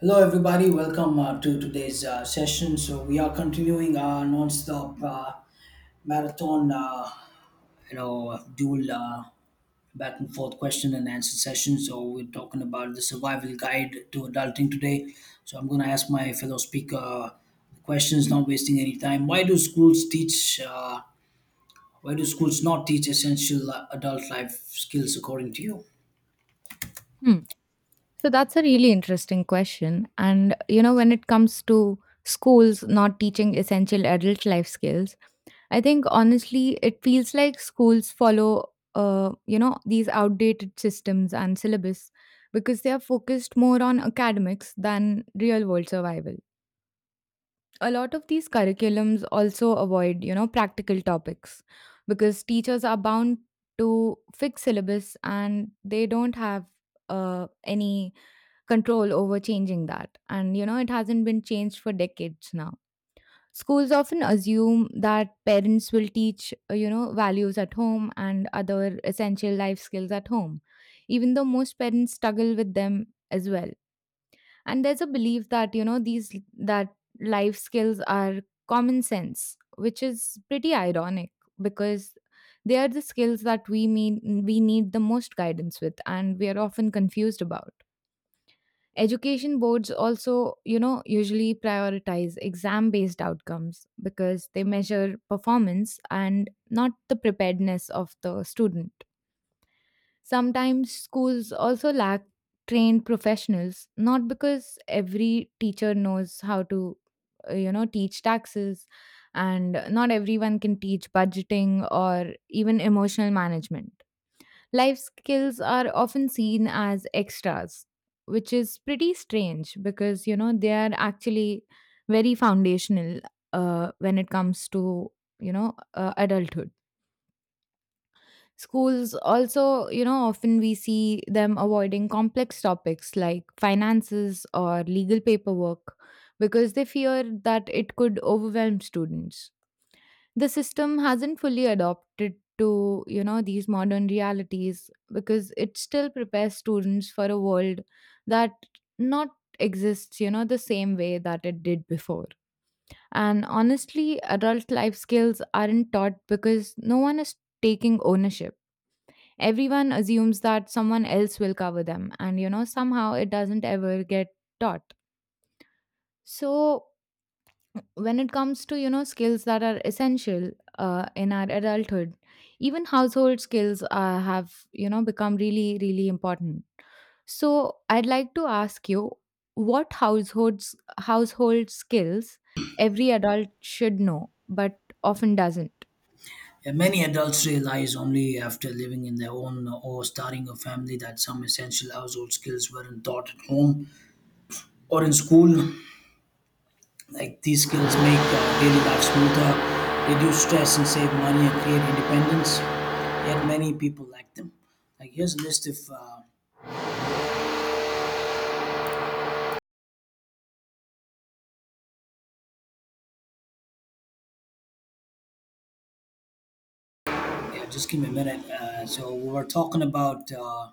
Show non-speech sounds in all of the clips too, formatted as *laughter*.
Hello, everybody. Welcome to today's session. So we are continuing our non-stop marathon, dual, back and forth question and answer session. So we're talking about the survival guide to adulting today. So I'm going to ask my fellow speaker questions, not wasting any time. Why do schools not teach essential adult life skills, according to you? Hmm. So that's a really interesting question. When it comes to schools not teaching essential adult life skills, I think honestly, it feels like schools follow, these outdated systems and syllabus because they are focused more on academics than real world survival. A lot of these curriculums also avoid, practical topics because teachers are bound to fix syllabus and they don't have any control over changing that. It hasn't been changed for decades now. Schools often assume that parents will teach, values at home and other essential life skills at home, even though most parents struggle with them as well. And there's a belief that, you know, these that life skills are common sense, which is pretty ironic because they are the skills that we need the most guidance with and we are often confused about. Education boards also, usually prioritize exam based outcomes because they measure performance and not the preparedness of the student. Sometimes schools also lack trained professionals, not because every teacher knows how to, teach taxes, and not everyone can teach budgeting or even emotional management. Life skills are often seen as extras, which is pretty strange because, they are actually very foundational when it comes to, adulthood. Schools also, often we see them avoiding complex topics like finances or legal paperwork because they fear that it could overwhelm students. The system hasn't fully adopted to these modern realities because it still prepares students for a world that not exists the same way that it did before. And honestly adult life skills aren't taught because no one is taking ownership. Everyone assumes that someone else will cover them and somehow it doesn't ever get taught. So when it comes to skills that are essential in our adulthood, even household skills have become really important. So I'd like to ask you, what households, household skills every adult should know but often doesn't. Yeah, many adults realize only after living in their own or starting a family that some essential household skills weren't taught at home or in school. Like, these skills make daily life smoother, reduce stress, and save money and create independence. Yet many people lack them. Like here's a list of Yeah, just give me a minute. So we were talking about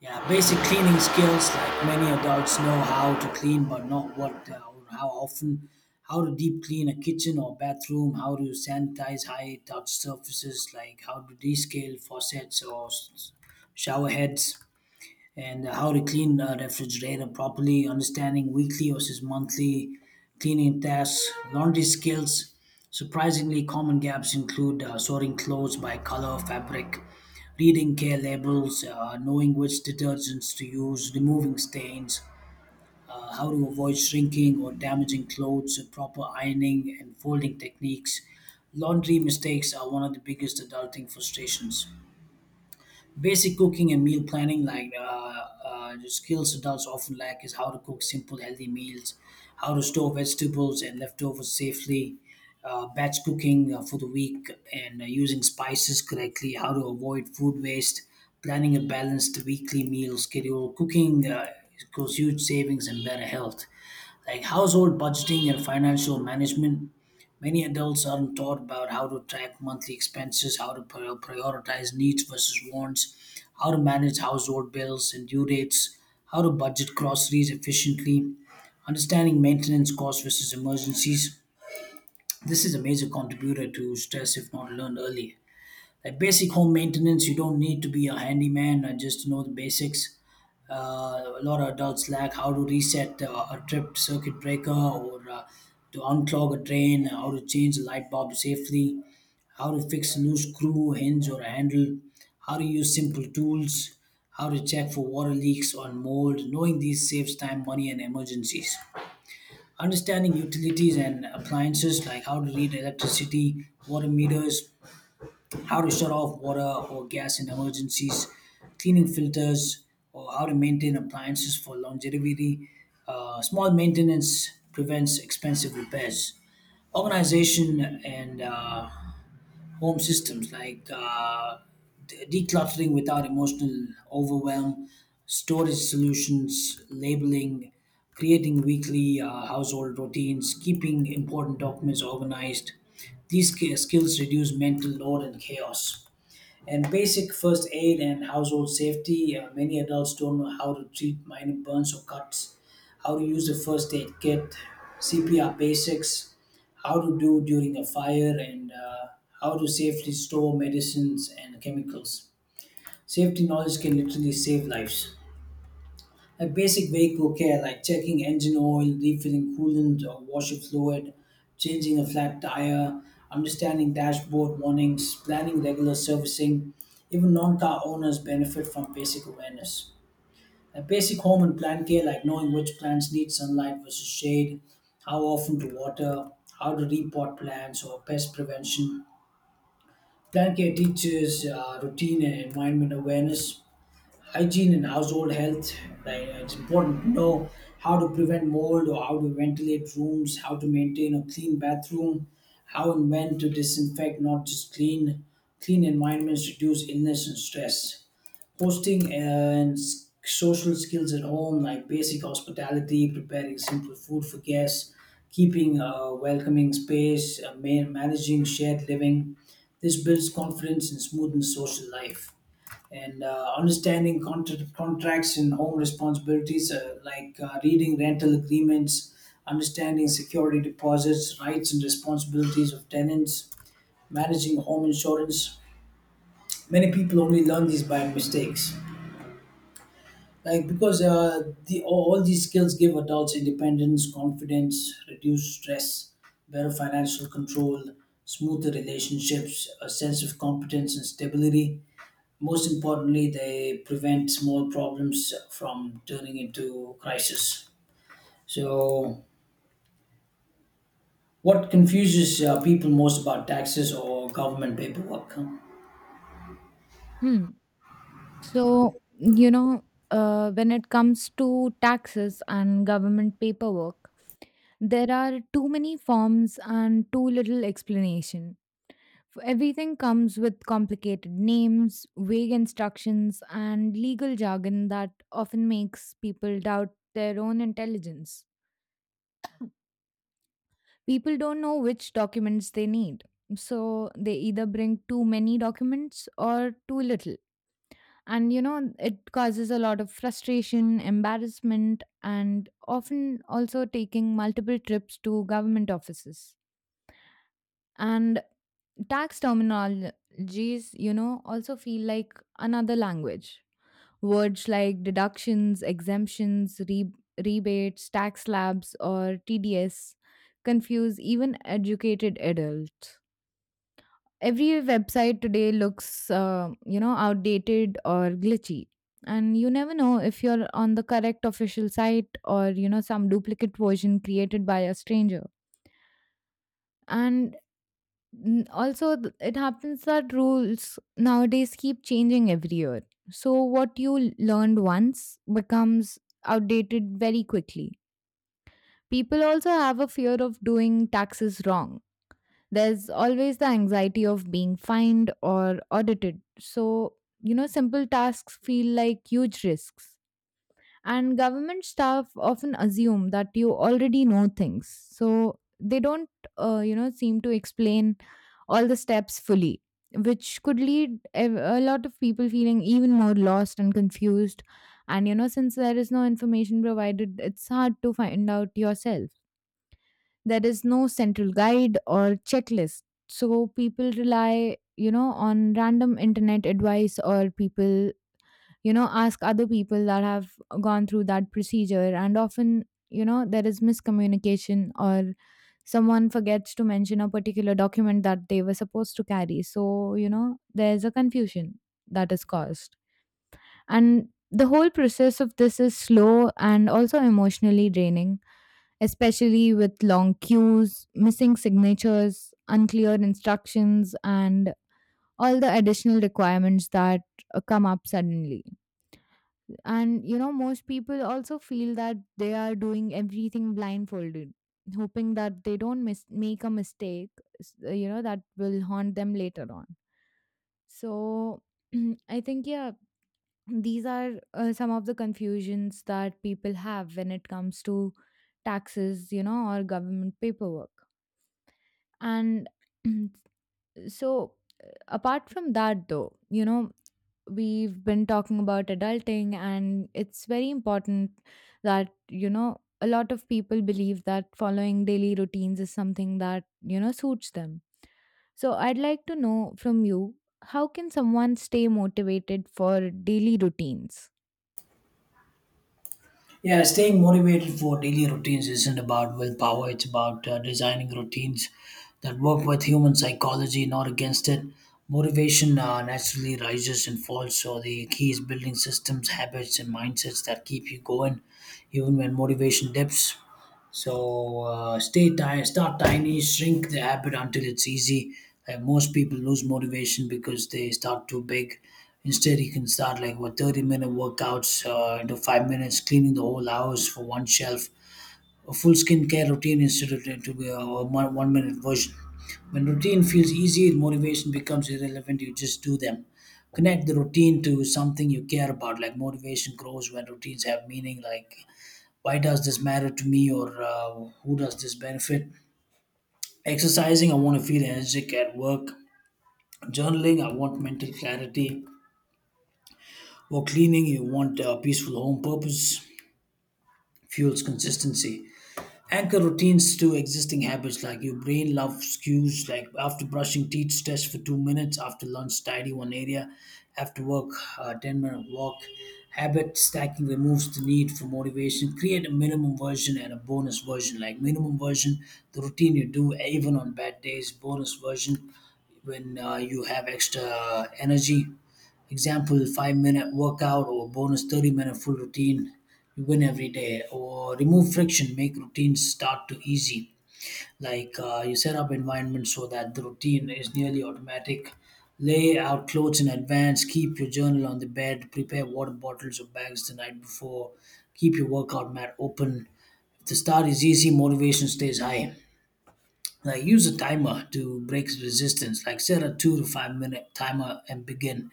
yeah, Basic cleaning skills. Like, many adults know how to clean, but not what or how often. How to deep clean a kitchen or bathroom. How to sanitize high touch surfaces. Like, how to descale faucets or shower heads, and how to clean a refrigerator properly, understanding weekly versus monthly cleaning tasks. Laundry skills. Surprisingly, common gaps include sorting clothes by color, fabric, reading care labels, knowing which detergents to use, removing stains, how to avoid shrinking or damaging clothes, proper ironing and folding techniques. Laundry mistakes are one of the biggest adulting frustrations. Basic cooking and meal planning. Like, the skills adults often lack is how to cook simple, healthy meals, how to store vegetables and leftovers safely, batch cooking for the week, and using spices correctly, how to avoid food waste, planning a balanced weekly meal schedule. Cooking equals huge savings and better health. Like household budgeting and financial management. Many adults aren't taught about how to track monthly expenses, how to prioritize needs versus wants, how to manage household bills and due dates, how to budget groceries efficiently, understanding maintenance costs versus emergencies. This is a major contributor to stress if not learned early. Like basic home maintenance, you don't need to be a handyman, just to know the basics. A lot of adults lack how to reset a tripped circuit breaker, or to unclog a drain, how to change a light bulb safely, how to fix a loose screw, hinge, or handle, how to use simple tools, how to check for water leaks or mold. Knowing these saves time, money, and emergencies. Understanding utilities and appliances, like how to read electricity, water meters, how to shut off water or gas in emergencies, cleaning filters, or how to maintain appliances for longevity. Small maintenance prevents expensive repairs. Organization and home systems, like decluttering without emotional overwhelm, storage solutions, labeling, creating weekly household routines, keeping important documents organized. These skills reduce mental load and chaos. And basic first aid and household safety. Many adults don't know how to treat minor burns or cuts, how to use the first aid kit, CPR basics, how to do during a fire, and how to safely store medicines and chemicals. Safety knowledge can literally save lives. Like basic vehicle care, like checking engine oil, refilling coolant or washer fluid, changing a flat tire, understanding dashboard warnings, planning regular servicing. Even non car owners benefit from basic awareness. Like basic home and plant care, like knowing which plants need sunlight versus shade, how often to water, how to repot plants, or pest prevention. Plant care teaches routine and environment awareness. Hygiene and household health. Like, it's important to know how to prevent mold or how to ventilate rooms, how to maintain a clean bathroom, how and when to disinfect, not just clean. Clean environments reduce illness and stress. Hosting and social skills at home, like basic hospitality, preparing simple food for guests, keeping a welcoming space, managing shared living. This builds confidence and smoothens social life. And understanding contracts and home responsibilities, like reading rental agreements, understanding security deposits, rights and responsibilities of tenants, managing home insurance. Many people only learn these by mistakes. Like because uh, the all all these skills give adults independence, confidence, reduce stress, better financial control, smoother relationships, a sense of competence and stability. Most importantly, they prevent small problems from turning into crisis. So, what confuses people most about taxes or government paperwork? Hmm. So, you know when it comes to taxes and government paperwork, there are too many forms and too little explanation. Everything comes with complicated names, vague instructions, and legal jargon that often makes people doubt their own intelligence. People don't know which documents they need, so they either bring too many documents or too little. And you know, it causes a lot of frustration, embarrassment, and often also taking multiple trips to government offices. And tax terminologies you know also feel like another language. Words like deductions, exemptions, rebates, tax slabs, or TDS confuse even educated adults. Every website today looks outdated or glitchy, and you never know if you're on the correct official site or you know some duplicate version created by a stranger. And, it happens that rules nowadays keep changing every year, so what you learned once becomes outdated very quickly. People also have a fear of doing taxes wrong. There's always the anxiety of being fined or audited, so you know simple tasks feel like huge risks. And government staff often assume that you already know things, so they don't seem to explain all the steps fully, which could lead a lot of people feeling even more lost and confused. And you know, since there is no information provided, it's hard to find out yourself. There is no central guide or checklist, so people rely you know on random internet advice, or people you know ask other people that have gone through that procedure, and often you know there is miscommunication, or someone forgets to mention a particular document that they were supposed to carry, so you know there's a confusion that is caused. And the whole process of this is slow and also emotionally draining, especially with long queues, missing signatures, unclear instructions, and all the additional requirements that come up suddenly. And you know, most people also feel that they are doing everything blindfolded, hoping that they don't make a mistake, that will haunt them later on. So *clears throat* I think, yeah, these are some of the confusions that people have when it comes to taxes, you know, or government paperwork. And *clears throat* so, apart from that, though, you know, we've been talking about adulting, and it's very important that you know a lot of people believe that following daily routines is something that you know suits them. So I'd like to know from you, how can someone stay motivated for daily routines? Yeah, staying motivated for daily routines isn't about willpower, it's about designing routines that work with human psychology, not against it. Motivation naturally rises and falls, so the key is building systems, habits, and mindsets that keep you going even when motivation dips. So start tiny, shrink the habit until it's easy. Like, most people lose motivation because they start too big. Instead, you can start like what, 30-minute workouts into 5 minutes, cleaning the whole house for one shelf. A full skincare routine instead of to be a one minute version. When routine feels easy, motivation becomes irrelevant. You just do them. Connect the routine to something you care about. Like, motivation grows when routines have meaning. Like, why does this matter to me, or who does this benefit? Exercising, I want to feel energetic at work. Journaling, I want mental clarity. For cleaning, you want a peaceful home. Purpose fuels consistency. Anchor routines to existing habits, like your brain loves cues. Like, after brushing teeth, stretch for 2 minutes. After lunch, tidy one area. After work, 10-minute walk. Habit stacking removes the need for motivation. Create a minimum version and a bonus version. Like, minimum version, the routine you do even on bad days. Bonus version, when you have extra energy. Example, 5 minute workout, or bonus 30-minute full routine. You win every day. Or remove friction, make routines start to easy. Like, you set up environment so that the routine is nearly automatic. Lay out clothes in advance, keep your journal on the bed, prepare water bottles or bags the night before, keep your workout mat open. If the start is easy, motivation stays high. Like, use a timer to break resistance. Like, set a 2 to 5 minute timer and begin.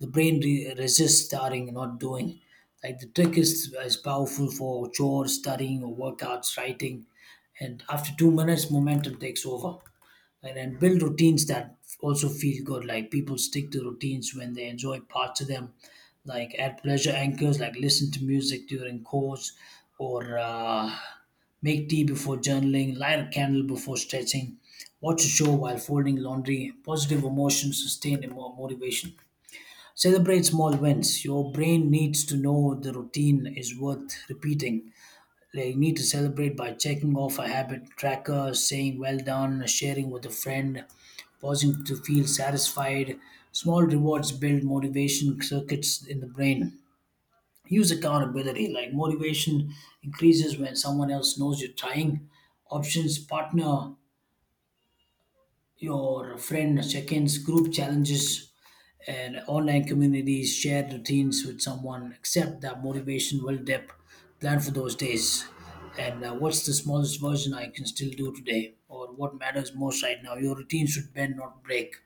The brain resists starting, and not doing. Like, the trick is powerful for chores, studying, or workouts, writing. And after 2 minutes, momentum takes over. And then build routines that also feel good. Like, people stick to routines when they enjoy parts of them. Like, add pleasure anchors, like listen to music during chores, or make tea before journaling, light a candle before stretching, watch a show while folding laundry. Positive emotions sustain motivation. Celebrate small wins. Your brain needs to know the routine is worth repeating. They need to celebrate by checking off a habit tracker, saying well done, sharing with a friend, pausing to feel satisfied. Small rewards build motivation circuits in the brain. Use accountability, like motivation increases when someone else knows you're trying. Options, partner, your friend, check ins, group challenges, and online communities, shared routines with someone. Accept that motivation will dip. Plan for those days. And what's the smallest version I can still do today? Or what matters most right now? Your routine should bend, not break.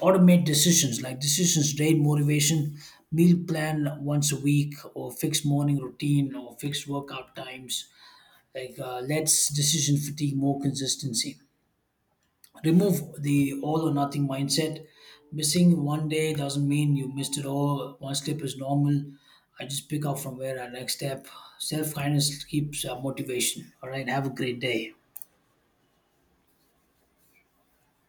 Automate decisions, like decisions rate motivation, meal plan once a week, or fixed morning routine, or fixed workout times. Like, us decision fatigue more consistency. Remove the all or nothing mindset. Missing one day doesn't mean you missed it all. One slip is normal. I just pick up from where I next step. Self kindness keeps motivation. All right. Have a great day.